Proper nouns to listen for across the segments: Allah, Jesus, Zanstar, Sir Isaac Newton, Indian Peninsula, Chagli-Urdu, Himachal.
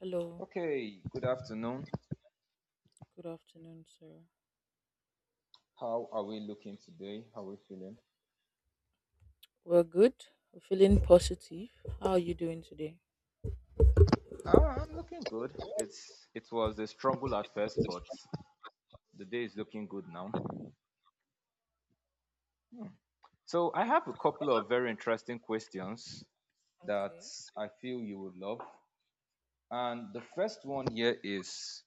Hello, Okay, good afternoon. good afternoon, sir. How are we looking today? How are we feeling? We're good. We're feeling positive. How are you doing today? Ah, I'm looking good. It was a struggle at first, but the day is looking good now. So I have a couple of very interesting questions that Okay. I feel you would love. And the first one here is,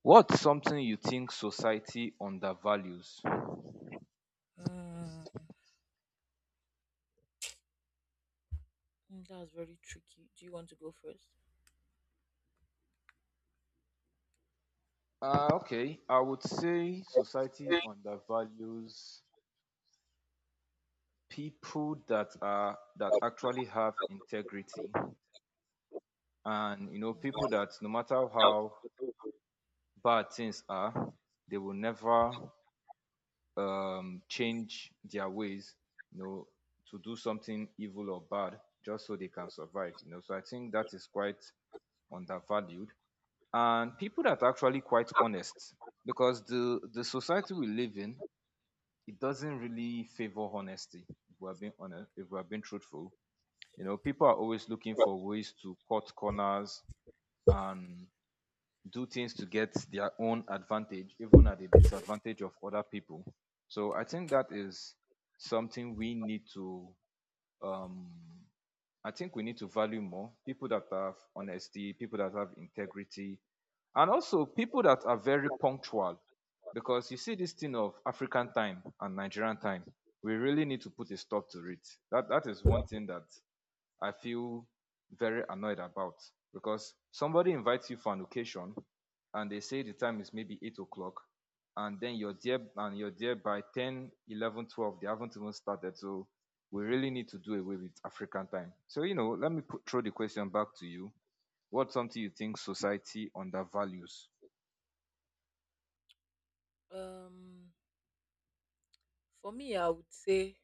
what's something you think society undervalues? Uh, that's very tricky. Do you want to go first? Okay, I would say society undervalues people that actually have integrity, and you know, people Uh, that no matter how bad things are, they will never change their ways, you know, to do something evil or bad just so they can survive, you know. So I think that is quite undervalued, and people that are actually quite honest, because the society we live in, it doesn't really favor honesty. If we're being honest, if we're being truthful, you know, people are always looking for ways to cut corners and do things to get their own advantage, even at the disadvantage of other people. So I think that is something we need to. Um, I think we need to value more people that have honesty, people that have integrity, and also people that are very punctual. Because you see this thing of African time and Nigerian time, we really need to put a stop to it. That is one thing that I feel very annoyed about, because somebody invites you for an occasion and they say the time is maybe 8 o'clock, and then you're there and you're there by 10, 11, 12. They haven't even started. So we really need to do away with African time. So, you know, let me throw the question back to you. What's something you think society undervalues? um, for me, I would say,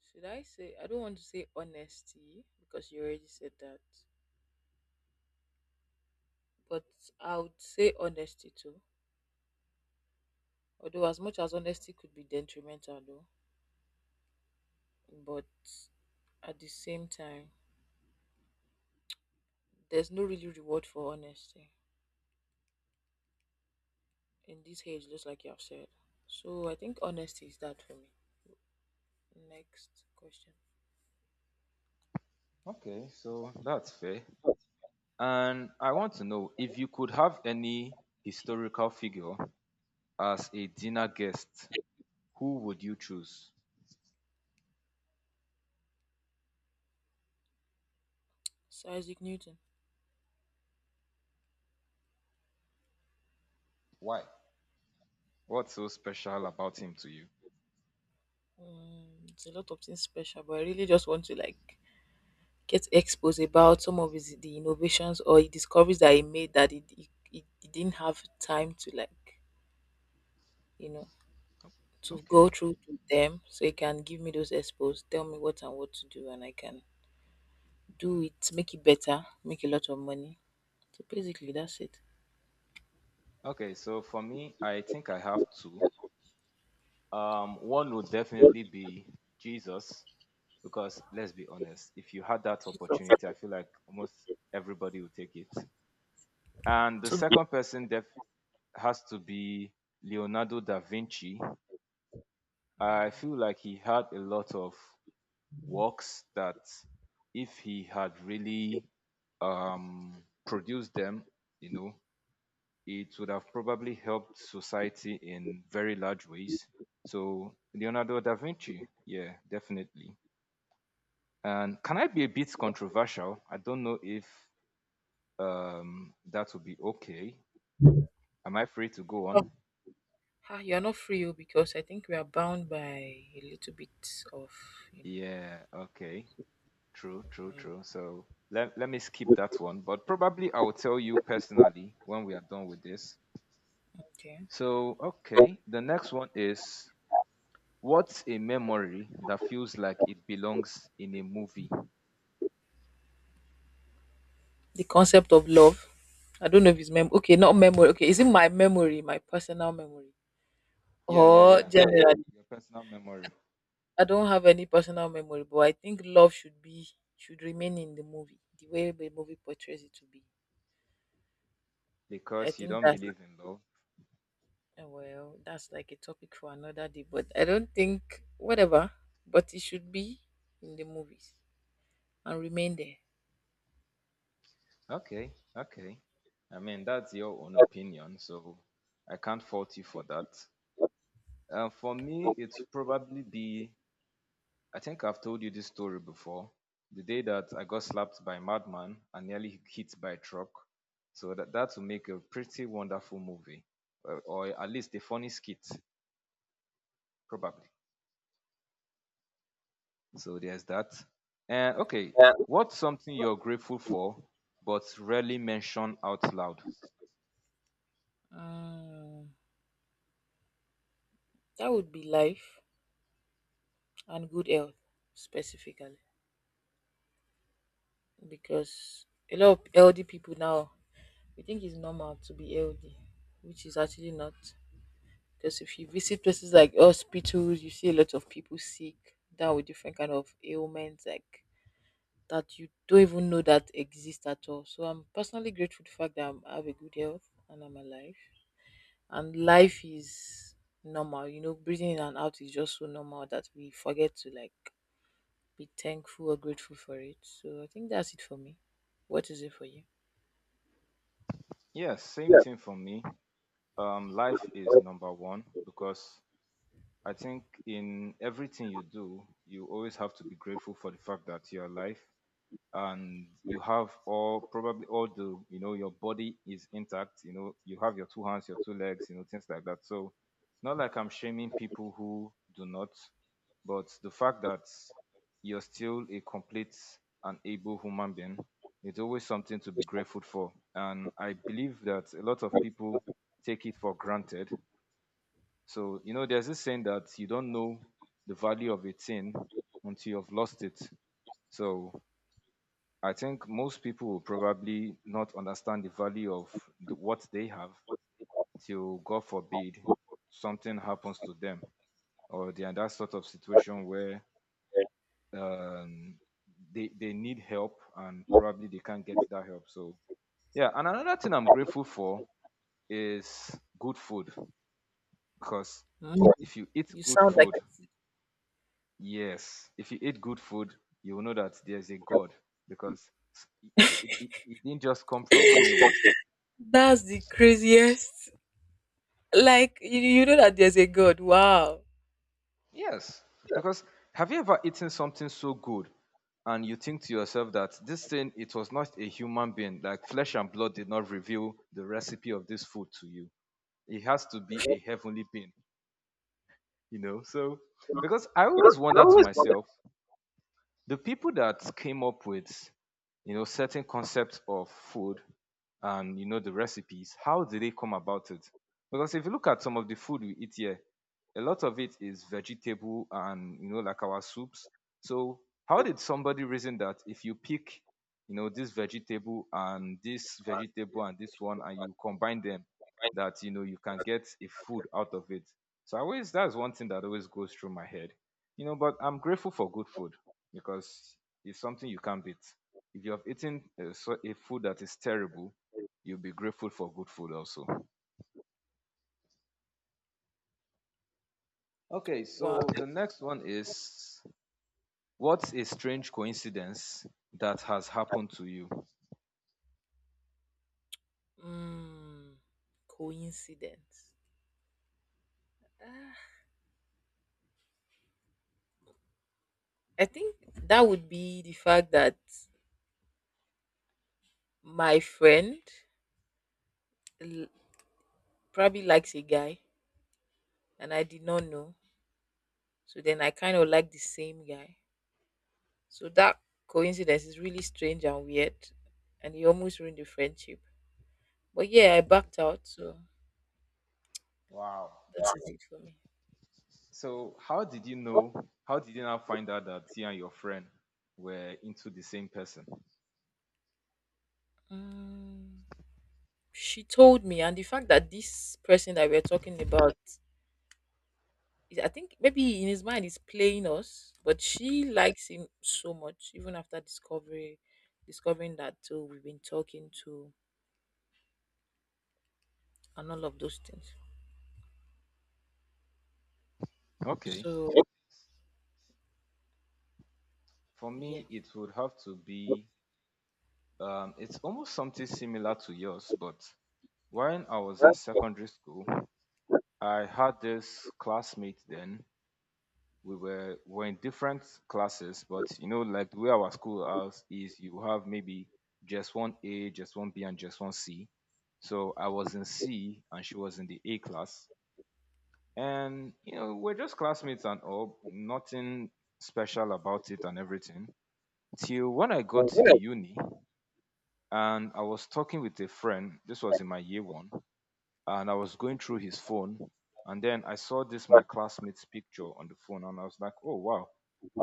should I say? I don't want to say honesty because you already said that, but I would say honesty too. Although, as much as honesty could be detrimental, though, but at the same time, there's no really reward for honesty. In this age, just like you have said. So I think honesty is that for me. Next question. Okay, so that's fair. And I want to know, if you could have any historical figure as a dinner guest, who would you choose? Sir Isaac Newton. Why? What's so special about him to you? It's a lot of things special, but I really just want to like get exposed about some of his the innovations or the discoveries that he made that he didn't have time to like, you know, to go Okay. through to them. So he can give me those expos, tell me what and what to do, and I can do it, make it better, make a lot of money. So basically, that's it. Okay, so for me, I think I have two. One would definitely be Jesus, because let's be honest, if you had that It's up opportunity, I feel like almost everybody would take it. And the to me. second person has to be Leonardo da Vinci. I Mm. feel like he had a lot of works that, if he had really produced them, you know, it would have probably helped society in very large ways. So Leonardo da Vinci, yeah, definitely. And can I be a bit controversial? I don't know if that would be okay. Am I free to go on? Ah, you're not free oh, because I think we are bound by a little bit of, you know, Yeah, okay. True, true, um, true. So let me skip that one, but probably I will tell you personally when we are done with this. okay. So, okay, the next one is, what's a memory that feels like it belongs in a movie? The concept of love. I don't know if it's mem okay, not memory. Okay, is it my memory, my personal memory? Yeah, yeah, Or yeah. generally, Your personal memory, I don't have any personal memory, but I think love should remain in the movie, the way the movie portrays it to be. I because you think don't that's believe in love. Well, that's like a topic for another day, but I don't think whatever, but it should be in the movies and remain there. Okay, okay. I mean, that's your own opinion, so I can't fault you for that. For me, it's probably the I think I've told you this story before. The day that I got slapped by a madman and nearly hit by a truck. So that will make a pretty wonderful movie, or at least a funny skit, probably. So there's that. And okay, what's something you're grateful for but rarely mention out loud? Mm. That would be life and good health specifically because a lot of healthy people now we think it's normal to be healthy, which is actually not. Because if you visit places like hospitals, you see a lot of people sick, down with different kind of ailments like that you don't even know that exist at all. So I'm personally grateful to the fact that I have a good health and I'm alive. And life is normal, breathing in and out is just so normal that we forget to like be thankful or grateful for it. So I think that's it for me. What is it for you? Yes, same Yeah, thing for me. Life is number one, because I think in everything you do, you always have to be grateful for the fact that you're alive, and you have all, probably all the, you know, your body is intact, you know, you have your two hands, your two legs, you know, things like that. So, not like I'm shaming people who do not, but the fact that you're still a complete and able human being, it's always something to be grateful for. And I believe that a lot of people take it for granted. So, you know, there's this saying that you don't know the value of a thing until you've lost it. So I think most people will probably not understand the value of what they have, till, God forbid, something happens to them, or they are in that sort of situation where um, they need help and probably they can't get that help. So yeah, and another thing I'm grateful for is good food, because Mm, if you eat You good sound like food, yes, if you eat good food, you will know that there's a God, because it didn't just come from anywhere. that's the craziest. Like you know that there's a God. Wow. Yes, Yeah, because have you ever eaten something so good, and you think to yourself that this thing, it was not a human being, like flesh and blood did not reveal the recipe of this food to you? It has to be a heavenly being, you know? So, so, because I always wonder to myself, the people that came up with, you know, certain concepts of food, and, you know, the recipes, how did they come about it? Because if you look at some of the food we eat here, a lot of it is vegetable, and, you know, like our soups. So how did somebody reason that if you pick, you know, this vegetable and this vegetable and this one, and you combine them, that, you know, you can get a food out of it? So I always, that's one thing that always goes through my head, you know. But I'm grateful for good food, because it's something you can't beat. If you have eaten a, a food that is terrible, you'll be grateful for good food also. Okay, so Wow. Something the next one is, what's a strange coincidence that has happened to you? Mm, Coincidence. Ah. I think that would be the fact that my friend l- probably likes a guy and I did not know. So then I kind of like the same guy. So that coincidence is really strange and weird. And it almost ruined the friendship. But yeah, I backed out. So Wow. that is it for me. So, how did you know? How did you now find out that you and your friend were into the same person? Mm, she told me, and the fact that this person that we're talking about I think maybe in his mind he's playing us, but she likes him so much, even after discovering that too, we've been talking to and all of those things. Okay. So For yeah. me, it would have to be, it's almost something similar to yours, but when I was in secondary school, I had this classmate then. We were in different classes, but, you know, like the way our school house is, you have maybe just one A, just one B, and just one C. So I was in C, and she was in the A class, and, you know, we're just classmates and all, nothing special about it and everything. Till when I got to the uni, and I was talking with a friend. This was in my year one, and I was going through his phone, and then I saw this my classmate's picture on the phone, and I was like, "Oh wow,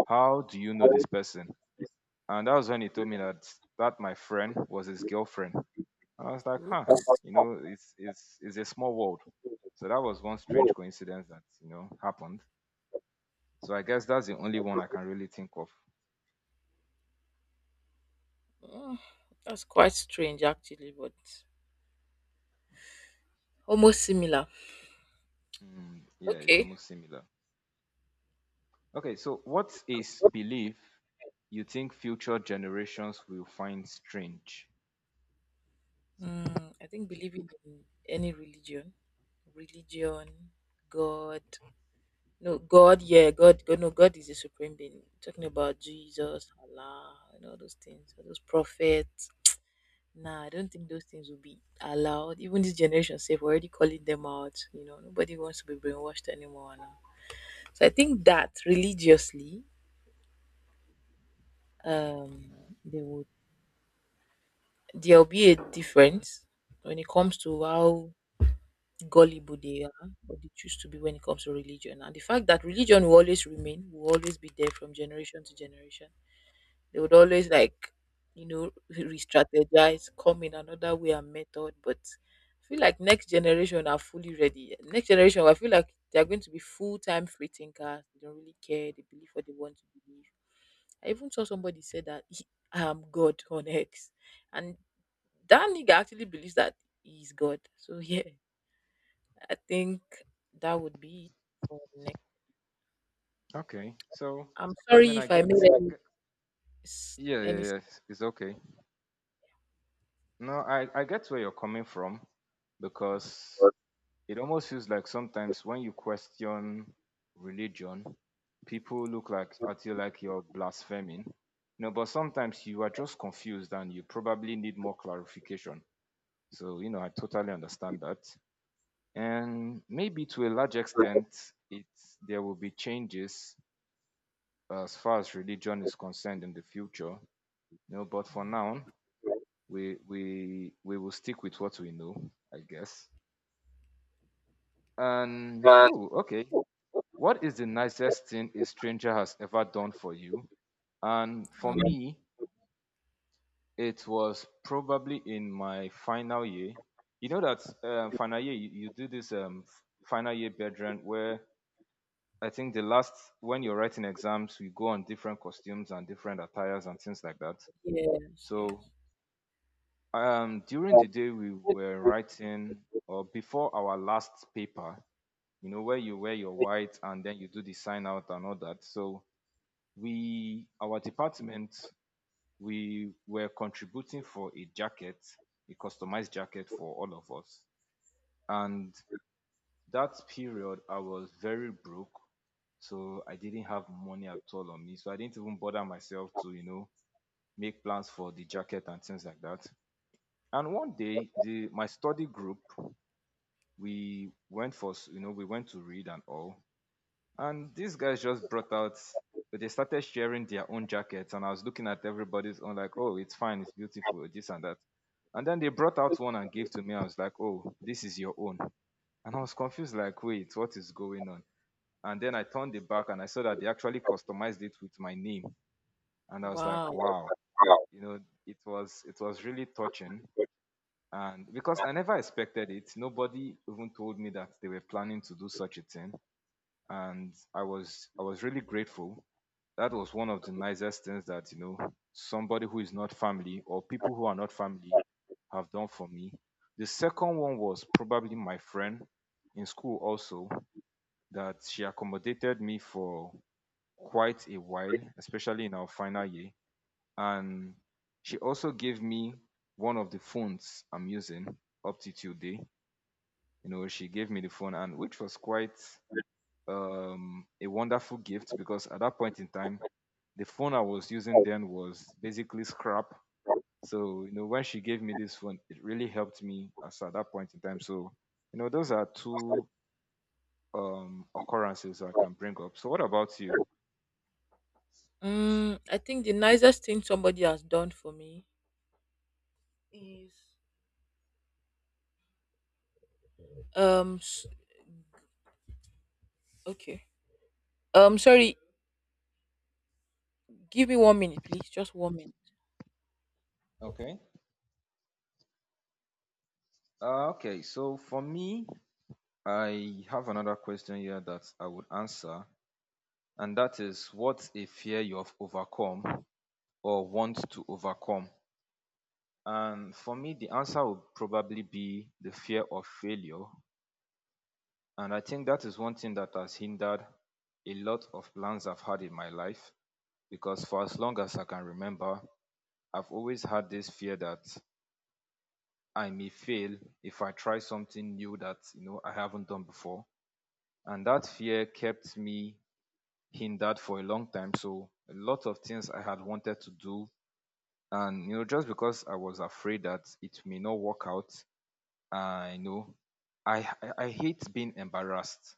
how do you know this person?" And that was when he told me that my friend was his girlfriend, and I was like, "Huh, Oops. you know, it's a small world." So that was one strange coincidence that, you know, happened. So I guess that's the only one I can really think of. Mm, that's quite strange actually, but almost similar. Hmm, yeah, it's Okay. almost similar. Okay, so what is belief you think future generations will find strange? I think believing in any religion, God, No, God, yeah, God, God, no, God is the supreme being. Talking about Jesus, Allah, and all those things, all those prophets. Nah, I don't think those things will be allowed. Even this generation, safe, we're already calling them out. You know, nobody wants to be brainwashed anymore now. So I think that religiously, um, they would there'll be a difference when it comes to how gullible they are, or they choose to be when it comes to religion. And the fact that religion will always remain, will always be there from generation to generation. They would always like, re-strategize, come in another way and method. But I feel like next generation are fully ready. Next generation, I feel like they are going to be full-time free thinkers. They don't really care. They believe what they want to believe. I even saw somebody say that he, I am God on X, and that nigga actually believes that he's God. So yeah, I think that would be it for the next. Okay, so I'm I mean, sorry I if I get, made I get, yeah, yeah, any. S- yeah, it's okay. No, I get where you're coming from, because it almost feels like sometimes when you question religion, people look like at you like you're blaspheming. No, but sometimes you are just confused and you probably need more clarification. So, you know, I totally understand that. And maybe to a large extent, it there will be changes as far as religion is concerned in the future. You know, but for now, Mm. we will stick with what we know, I guess. And Uh, ooh, okay. What is the nicest thing a stranger has ever done for you? And for Um, me, it was probably in my final year. You know that final year you, you do this final year bedroom where, I think, the last, when you're writing exams, you go on different costumes and different attires and things like that. yes, So yes. During the day we were writing, or before our last paper, you know, where you wear your white and then you do the sign out and all that. So our department, we were contributing for a jacket, a customized jacket for all of us. And that period, I was very broke, so I didn't have money at all on me. So I didn't even bother myself to, you know, make plans for the jacket and things like that. And 1 day, the my study group we went for s- you know we went to read and all, and these guys just brought out. They started sharing their own jackets, and I was looking at everybody's own like, "Oh, it's fine, it's beautiful, this and that." And then they brought out one and gave to me. I was like, "Oh, this is your own." And I was confused like, "Wait, what is going on?" And then I turned it back and I saw that they actually customized it with my name, and I was like, Wow. "Wow." You know, it was really touching. And because I never expected it, nobody even told me that they were planning to do such a thing. And I was really grateful. That was one of the nicest things that, you know, somebody who is not family or people who are not family have done for me. The second one was probably my friend in school also, that she accommodated me for quite a while, especially in our final year. And she also gave me one of the phones I'm using up to today. You know, she gave me the phone, and which was quite a wonderful gift, because at that point in time the phone I was using then was basically scrap. So you know, when she gave me this phone, it really helped me as at that point in time. So you know, those are two occurrences I can bring up. So what about you? I think the nicest thing somebody has done for me is um s- okay. Sorry. Give me 1 minute, please. Just 1 minute. Okay. Okay, so for me, I have another question here that I would answer, and that is, what's a fear you have overcome or want to overcome? And for me, the answer would probably be the fear of failure. And I think that is one thing that has hindered a lot of plans I've had in my life, because for as long as I can remember, I've always had this fear that I may fail if I try something new that, you know, I haven't done before. And that fear kept me hindered for a long time. So a lot of things I had wanted to do, and you know, just because I was afraid that it may not work out, I know. I hate being embarrassed.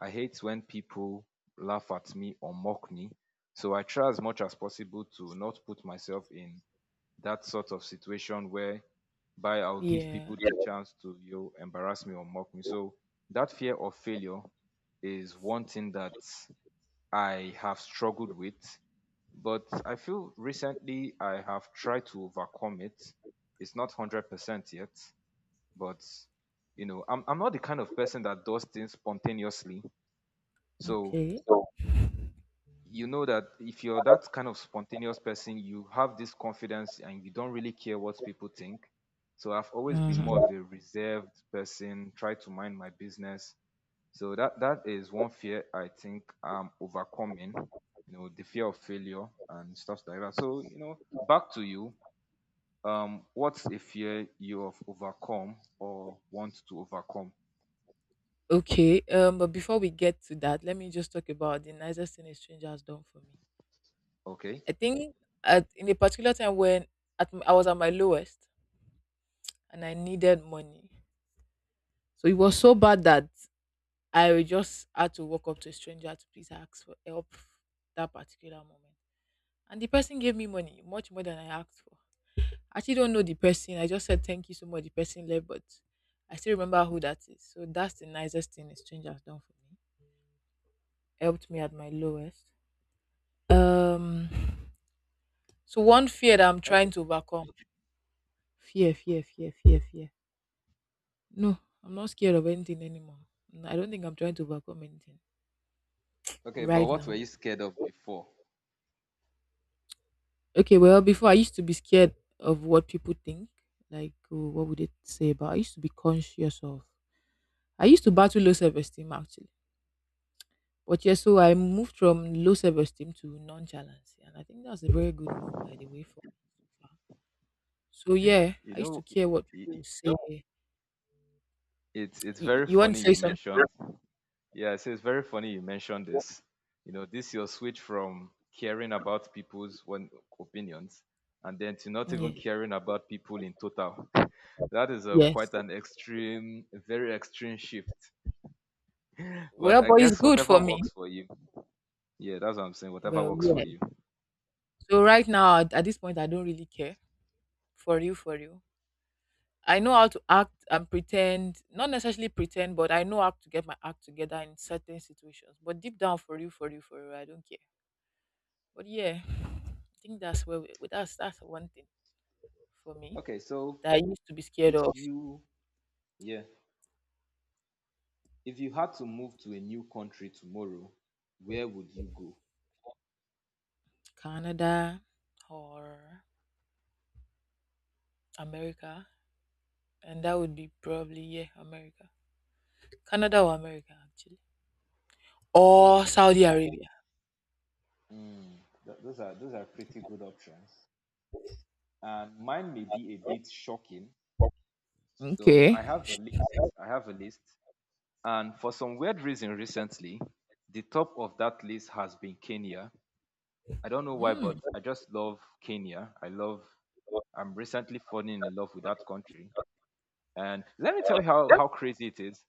I hate when people laugh at me or mock me. So I try as much as possible to not put myself in that sort of situation where by I'll give Yeah. people the chance to, you know, embarrass me or mock me. So that fear of failure is one thing that I have struggled with, but I feel recently I have tried to overcome it. It's not 100% yet, but you know, I'm not the kind of person that does things spontaneously. So Okay. you know that if you're that kind of spontaneous person, you have this confidence and you don't really care what people think. So I've always been Mhm. more of a reserved person, try to mind my business. So that is one fear I think I'm overcoming, you know, the fear of failure and stuff like that. So, you know, back to you. What's a fear you have overcome or want to overcome? Okay. But before we get to that, let me just talk about the nicest thing a stranger has done for me. Okay. I think at in a particular time when I was at my lowest and I needed money. So it was so bad that I just had to walk up to a stranger to please ask for help that particular moment. And the person gave me money, much more than I asked for. I actually don't know the person. I just said thank you so much. The person left, but I still remember who that is. So that's the nicest thing a stranger has done for me. Helped me at my lowest. Um so one fear that I'm trying Okay. to overcome. Fear, fear, fear, fear, fear No, I'm not scared of anything anymore. I don't think I'm trying to overcome anything Okay, but right what were now. you scared of before? Okay, well, before I used to be scared of what people think. Like, oh, what would they say about? I used to be conscious of. I used to battle low self esteem actually. But yeah, so I moved from low self esteem to nonchalance, and I think that's a very good move, by the way. For So yeah, You I used to know, care what i i- people say. It's You, very you want funny to say you something? mentioned. Yeah, so it's very funny you mentioned this. You know, this your switch from caring about people's one opinions, and then to not even Yeah. caring about people in total. That is Yes. quite an extreme, a very extreme shift. But Well, I but it's guess good whatever for me. works for you. Yeah, that's what I'm saying. Whatever Well, works for yeah. you. So right now, at this point, I don't really care. For you, for you. I know how to act and pretend, not necessarily pretend, but I know how to get my act together in certain situations. But deep down, for you, for you, for you, I don't care. But yeah, I think that's where we, that's one thing for me Okay, so that I used to be scared if of you yeah if you had to move to a new country tomorrow, where would you go? Canada or America, and that would be probably yeah, America, Canada or America actually, or Okay, so Saudi Arabia. mm, those are pretty good options, and mine may be a bit shocking. So I Okay. have a list. I have a list, and for some weird reason, recently, the top of that list has been Kenya. I don't know why, Mm. but I just love Kenya. I love. I'm recently falling in love with that country, and let me tell you how crazy it is.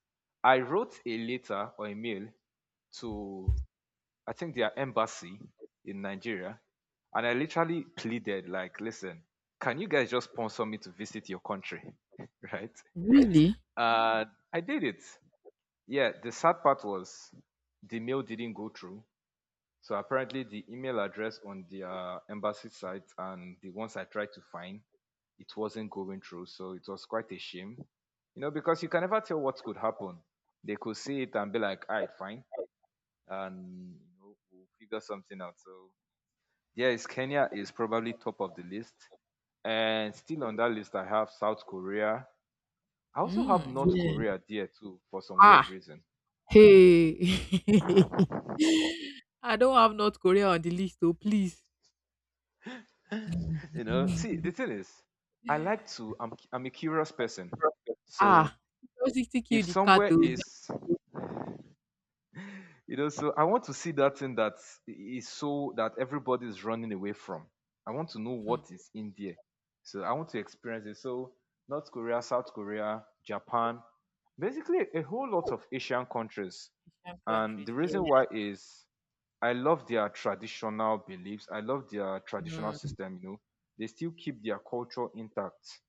I wrote a letter or a mail to I think their embassy in Nigeria, and I literally pleaded like, "Listen, can you guys just sponsor me to visit your country?" Right? Really? And I did it. Yeah, the sad part was the mail didn't go through. So apparently, the email address on the embassy site and the ones I tried to find, it wasn't going through. So it was quite a shame, you know, because you can never tell what could happen. They could see it and be like, "All right, fine," and you know, we'll figure something out. So yes, Kenya is probably top of the list, and still on that list I have South Korea. I also have Mm, North yeah. Korea there too for some weird Ah, reason. hey. I don't have North Korea on the list, so please. You know, see, the thing is, I like to. I'm a curious person, so Ah, curiosity kill if the cat. somewhere Oh. is you know, so I want to see that thing that is so that everybody is running away from. I want to know Hmm. what is in there. So I want to experience it. So North Korea, South Korea, Japan, basically a whole lot of Asian countries. Asian And countries, the yeah. reason why is I love their traditional beliefs. I love their traditional Mm. system, you know. They still keep their culture intact.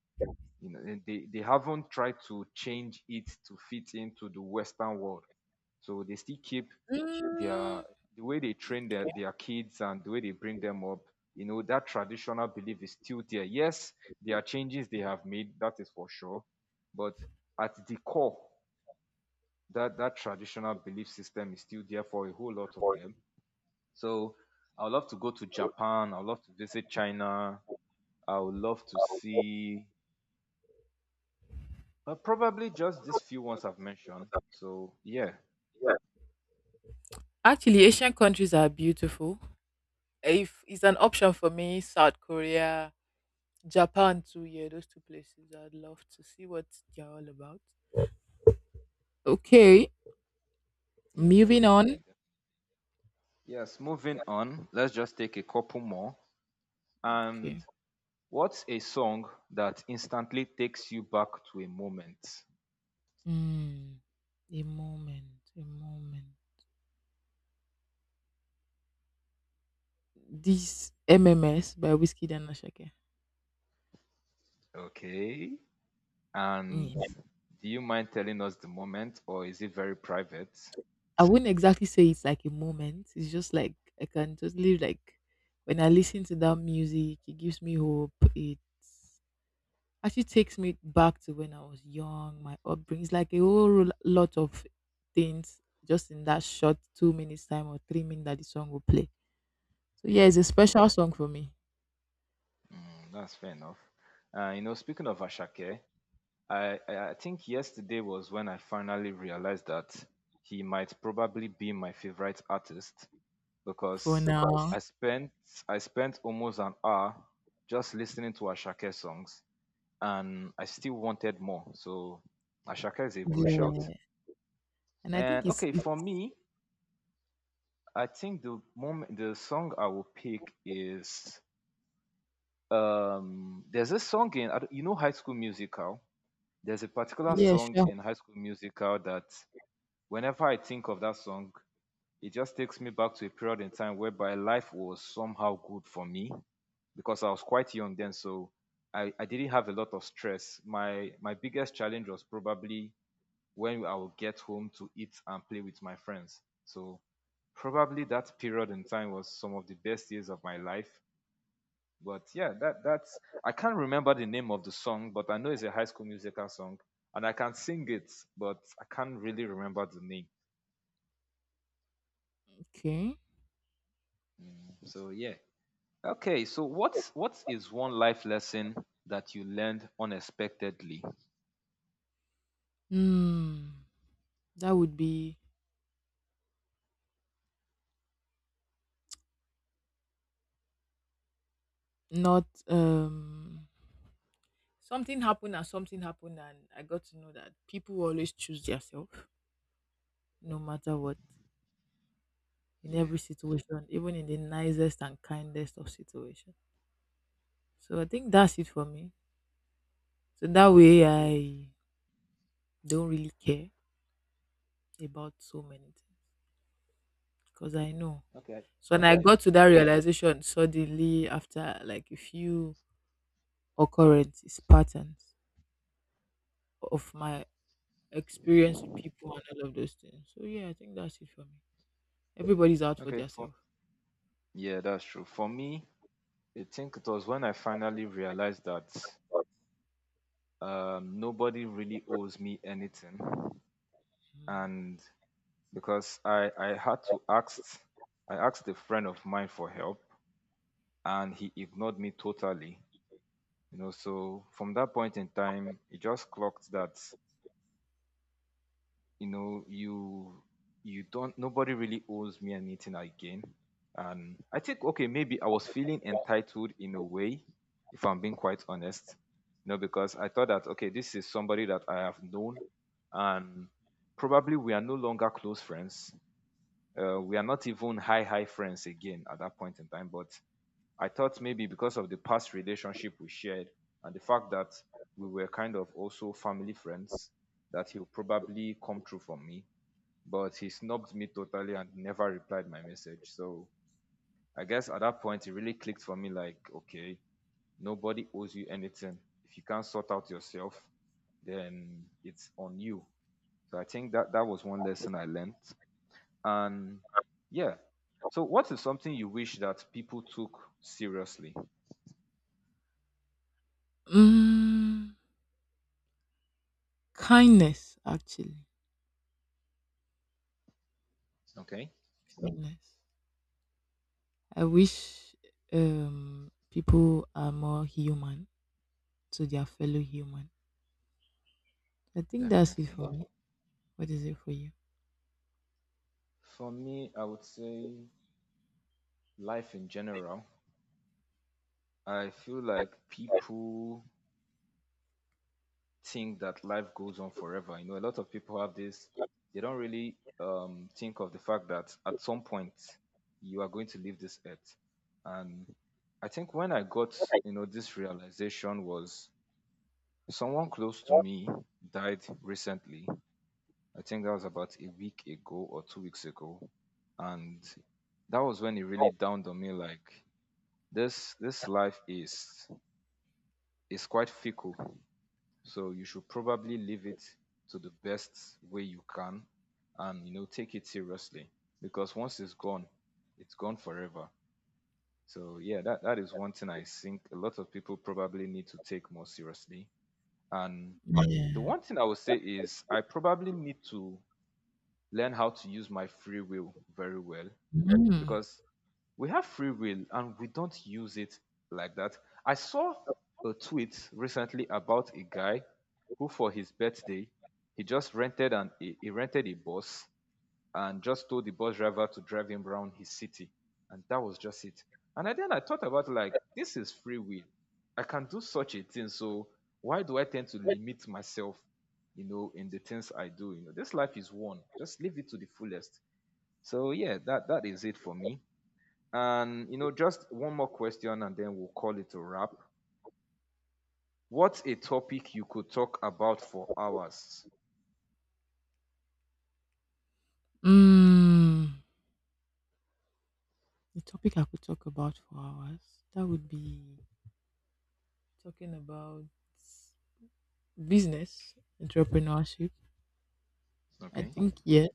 You know, and they haven't tried to change it to fit into the Western world. So they still keep Mm. their, the way they train their kids and the way they bring them up. You know, that traditional belief is still there. Yes, there are changes they have made, that is for sure, but at the core, that traditional belief system is still there for a whole lot of them. So I would love to go to Japan, I would love to visit China, I would love to see, probably just these few ones I've mentioned. So yeah. Actually, Asian countries are beautiful. If it's an option for me, South Korea, Japan too, yeah, those two places. I'd love to see what they're all about. Okay, Yeah, moving on. definitely. Yes, moving on. Let's just take a couple more. Okay. And what's a song that instantly takes you back to a moment? Mm, a moment, a moment. This MMS by Whiskey and Ashake. Okay. And Mm. Yeah. do you mind telling us the moment, or is it very private? I wouldn't exactly say it's like a moment. It's just like I can totally like when I listen to that music, it gives me hope. It's Actually takes me back to when I was young, my upbringing. It's like a whole lot of things just in that short 2 minutes time or 3 minutes that the song will play. So yeah, Yeah, it's a special song for me that's fair enough. You know, speaking of Ashake, I think yesterday was when I finally realized that he might probably be my favorite artist, for because now. I spent I spent almost an hour just listening to Ashake songs, and I still wanted more. So Ashaka is a good shout. Yeah, and I And think it's okay, it's for me, I think the song I will pick is there's a song in I don't- you know, High School Musical. There's a particular Yeah, song sure. in High School Musical that whenever I think of that song, it just takes me back to a period in time whereby life was somehow good for me, because I was quite young then, so I didn't have a lot of stress. My biggest challenge was probably when I will get home to eat and play with my friends. So probably that period in time was some of the best years of my life. But yeah, that's, I can't remember the name of the song, but I know it's a high school musical song, and I can sing it, but I can't really remember the name. Okay. So yeah. Okay, so what is one life lesson that you learned unexpectedly? Hmm, that would be not, something happened and something happened and I got to know that people will always choose themselves no matter what in Yeah. every situation, even in the nicest and kindest of situations. So I think that's it for me. So that way Yes. I don't really care about so many things because I know. Okay. So when I Yeah. got to that realization suddenly after like a few occurrences, patterns of my experience with people and all of those things. So yeah, I think that's it for me. Everybody's out for Okay, for themselves. yeah, that's true. For me, I think it was when I finally realized that nobody really owes me anything, Mm. and because I had to ask, I asked a friend of mine for help, and he ignored me totally. You know, so from that point in time, it just clocked that you know, you don't, nobody really owes me anything again. And I think, okay, maybe I was feeling entitled in a way, if I'm being quite honest. You know, because I thought that, okay, this is somebody that I have known, and probably we are no longer close friends. We are not even high friends again at that point in time, but I thought maybe because of the past relationship we shared and the fact that we were kind of also family friends, that he'll probably come through for me, but he snubbed me totally and never replied my message. So I guess at that point, it really clicked for me like, okay, nobody owes you anything. If you can't sort out yourself, then it's on you. So I think that was one lesson I learned. And yeah. So what is something you wish that people took seriously? Mm, Kindness, actually. Okay, Kindness. I wish um people are more human to their fellow human. I think that's it definitely. for me. What is it for you? For me, I would say life in general. I feel like people think that life goes on forever. You know, a lot of people have this, they don't really think of the fact that at some point you are going to leave this earth. And I think when I got, you know, this realization was someone close to me died recently. I think that was about a week ago or 2 weeks ago. And that was when it really dawned on me like this life is quite fickle. So you should probably leave it to the best way you can, and you know, take it seriously, because once it's gone forever. So yeah, that is one thing I think a lot of people probably need to take more seriously. And the Yeah. one thing I would say is I probably need to learn how to use my free will very well, Mm. because we have free will and we don't use it like that. I saw a tweet recently about a guy who for his birthday, he just rented an he rented a bus and just told the bus driver to drive him around his city, and that was just it. Then I thought about like, this is free will. I can do such a thing. So why do I tend to limit myself, you know, in the things I do? You know, this life is one, just live it to the fullest. So yeah, that is it for me. And you know, just one more question and then we'll call it a wrap. What's a topic you could talk about for hours? Mm. The topic I could talk about for hours that would be talking about business entrepreneurship. I Okay. think yeah,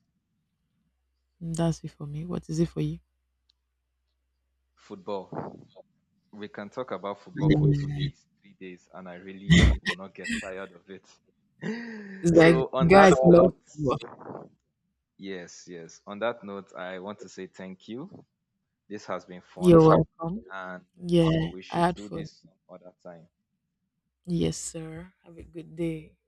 that's it for me. What is it for you? Football. We can talk about football for 2 days, 3 days, and I really will not get tired of it. It's like So, on guys that love note, you. yes, yes. On that note, I want to say thank you. This has been You're fun, welcome. and Yeah, we I should had do fun. this some other time. Yes, sir. Have a good day.